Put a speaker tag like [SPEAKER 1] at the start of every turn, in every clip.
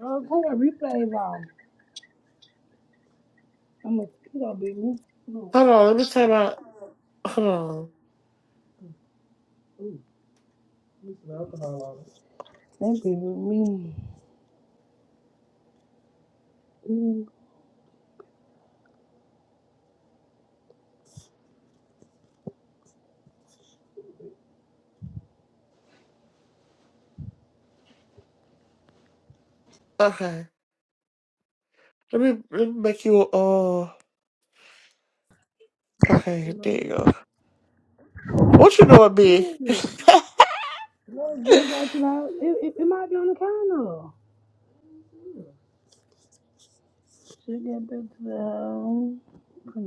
[SPEAKER 1] Girl, turn that replay off. I'm a, you gonna beat me. No.
[SPEAKER 2] Hold on, let me time out. Hold on.
[SPEAKER 1] They be with me. Mm.
[SPEAKER 2] Okay. Let me, let me make you, uh, okay, there you go. What you doing, B?
[SPEAKER 1] Well, good got to the house. It, it, it might be on the counter. Should get back to the house. I'm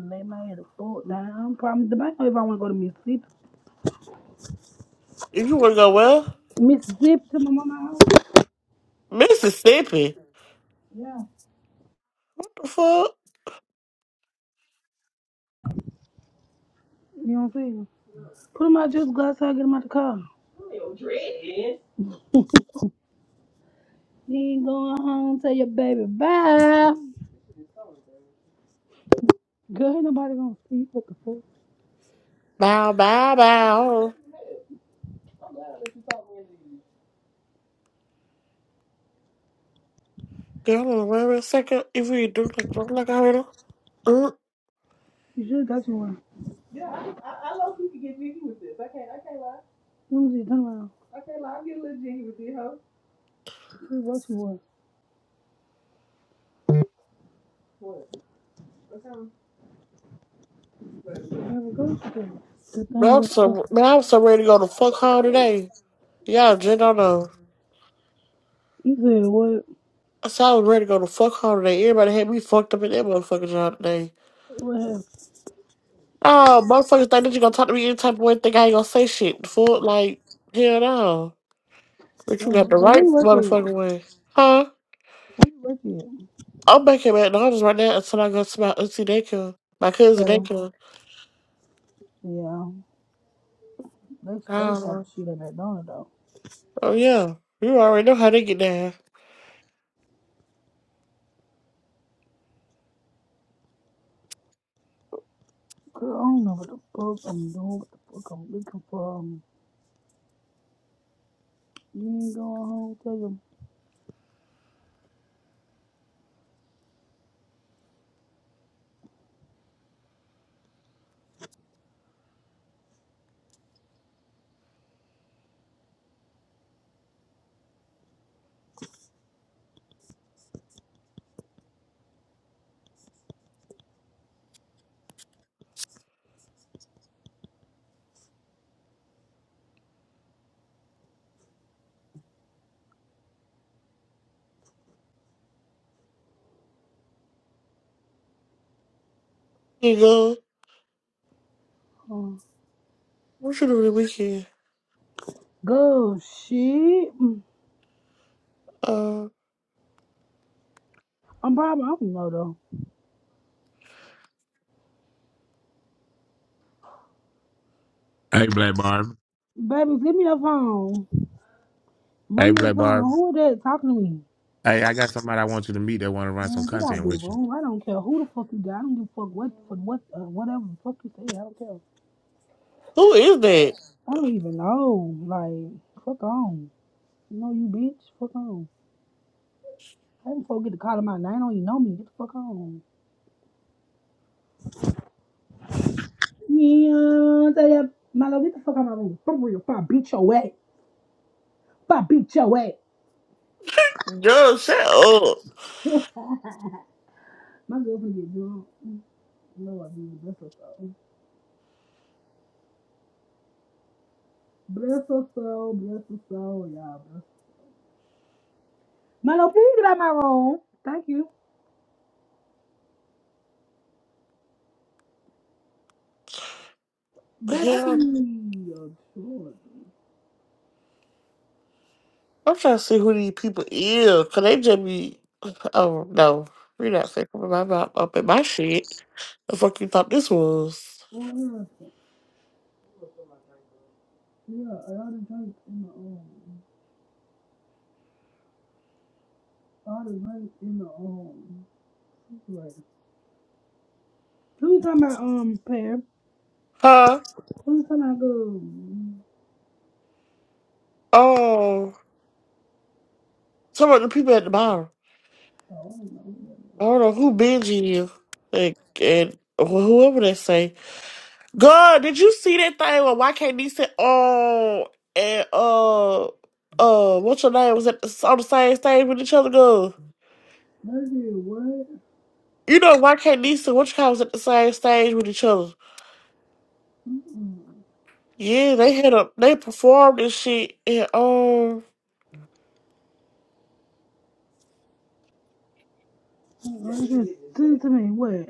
[SPEAKER 1] gonna lay my head a foot down. Probably the bank if I wanna go to Mississippi.
[SPEAKER 2] If you want to go well,
[SPEAKER 1] Mississippi to my mama house.
[SPEAKER 2] Mississippi. The fuck?
[SPEAKER 1] You know what I'm saying? Put him out just go outside, get him out the car. Your dread. Then going home, tell your baby bye. Girl, ain't nobody gonna see you. What the fuck?
[SPEAKER 2] Bow, bow, bow.
[SPEAKER 1] I'm glad that you talked me into you.
[SPEAKER 2] Girl, hold on, wait a second. If we do like, look like I heard her. Mm,
[SPEAKER 1] You should have got you one. Yeah, I, just, I, I low key could get jiggy with this. I can't, I can't lie. Let me see, turn around. I can't lie. I get a little jiggy with it, huh? I should have got you one. What? What kind of- what? I haven't got you The
[SPEAKER 2] man, I'm
[SPEAKER 1] thing's up there.
[SPEAKER 2] so, man, I'm so ready to go to fuck home today. Y'all, Jen, I don't know.
[SPEAKER 1] You said what?
[SPEAKER 2] I said I was ready to go to fuck home today. Everybody had me fucked up in that motherfucking job today.
[SPEAKER 1] What happened?
[SPEAKER 2] Oh, motherfuckers think that you gonna talk to me any type of way, think I ain't gonna say shit. Fool, like, hell no. But
[SPEAKER 1] Yeah.
[SPEAKER 2] you
[SPEAKER 1] Hey,
[SPEAKER 2] got the
[SPEAKER 1] where
[SPEAKER 2] right
[SPEAKER 1] you work at?
[SPEAKER 2] motherfucking
[SPEAKER 1] Where
[SPEAKER 2] way. Huh?
[SPEAKER 1] you work at?
[SPEAKER 2] I'm back here at McDonald's right now until I go to my auntie daycare. My cousin
[SPEAKER 1] So
[SPEAKER 2] daycare.
[SPEAKER 1] yeah. They, they type
[SPEAKER 2] Oh,
[SPEAKER 1] of shit at McDonald's, though.
[SPEAKER 2] oh yeah. You already know how they get down.
[SPEAKER 1] Girl, I don't know what the fuck I'm doing, what the fuck I'm looking for. Um, you ain't going home, tell your
[SPEAKER 2] You go,
[SPEAKER 1] mom.
[SPEAKER 2] what you doing the weekend?
[SPEAKER 1] Go shit. Mm,
[SPEAKER 2] Uh,
[SPEAKER 1] I'm probably I don't know though.
[SPEAKER 3] Hey, Black Barb.
[SPEAKER 1] Baby, give me your phone. Bring
[SPEAKER 3] Hey,
[SPEAKER 1] me your
[SPEAKER 3] Black
[SPEAKER 1] phone.
[SPEAKER 3] Barb.
[SPEAKER 1] Who is that talking to me?
[SPEAKER 3] Hey, I got somebody I want you to meet that want to run some
[SPEAKER 1] Man, get out of
[SPEAKER 3] content
[SPEAKER 1] there,
[SPEAKER 3] with you.
[SPEAKER 1] bro. I don't care who the fuck you got. I don't give a fuck what for what uh, whatever the fuck you say. I don't care.
[SPEAKER 2] who is that?
[SPEAKER 1] I don't even know. Like fuck on. You know you bitch. Fuck on. I didn't fuck get to calling my name. I Don't you know me? Get the fuck on. Yeah, tell ya, my love, get the fuck out of my room. For real, if I beat your ass, if I beat your ass.
[SPEAKER 2] Yo, shut up.
[SPEAKER 1] My girlfriend get drunk. No, I do. That's what's up. Bless her soul, bless her soul, y'all. Bless. Milo, please get out my room. Thank you. Babe, I
[SPEAKER 2] Hell,
[SPEAKER 1] need a drink.
[SPEAKER 2] I'm trying to see who these people is, 'cause they just be, oh, no. You're not fucking with my mouth up in my shit. The fuck you thought this was?
[SPEAKER 1] Oh, yeah, yeah, I ought to drink in the um. I ought to drink in the um. Right. Who you talking about, um, pair?
[SPEAKER 2] Huh?
[SPEAKER 1] Who you talking about, um?
[SPEAKER 2] Oh, some of the people at the bar.
[SPEAKER 1] Oh, I don't know.
[SPEAKER 2] I don't know who binging you. Like, and wh- whoever they say. God, did you see that thing where YKD said, oh, and, uh, uh, what's your name was at the, on the same stage with each other, girl?
[SPEAKER 1] That is what?
[SPEAKER 2] You know, YKD said, what you call was at the same stage with each other? Yeah, they had a, they performed and shit, and, um,
[SPEAKER 1] Oh, just send it to me. What?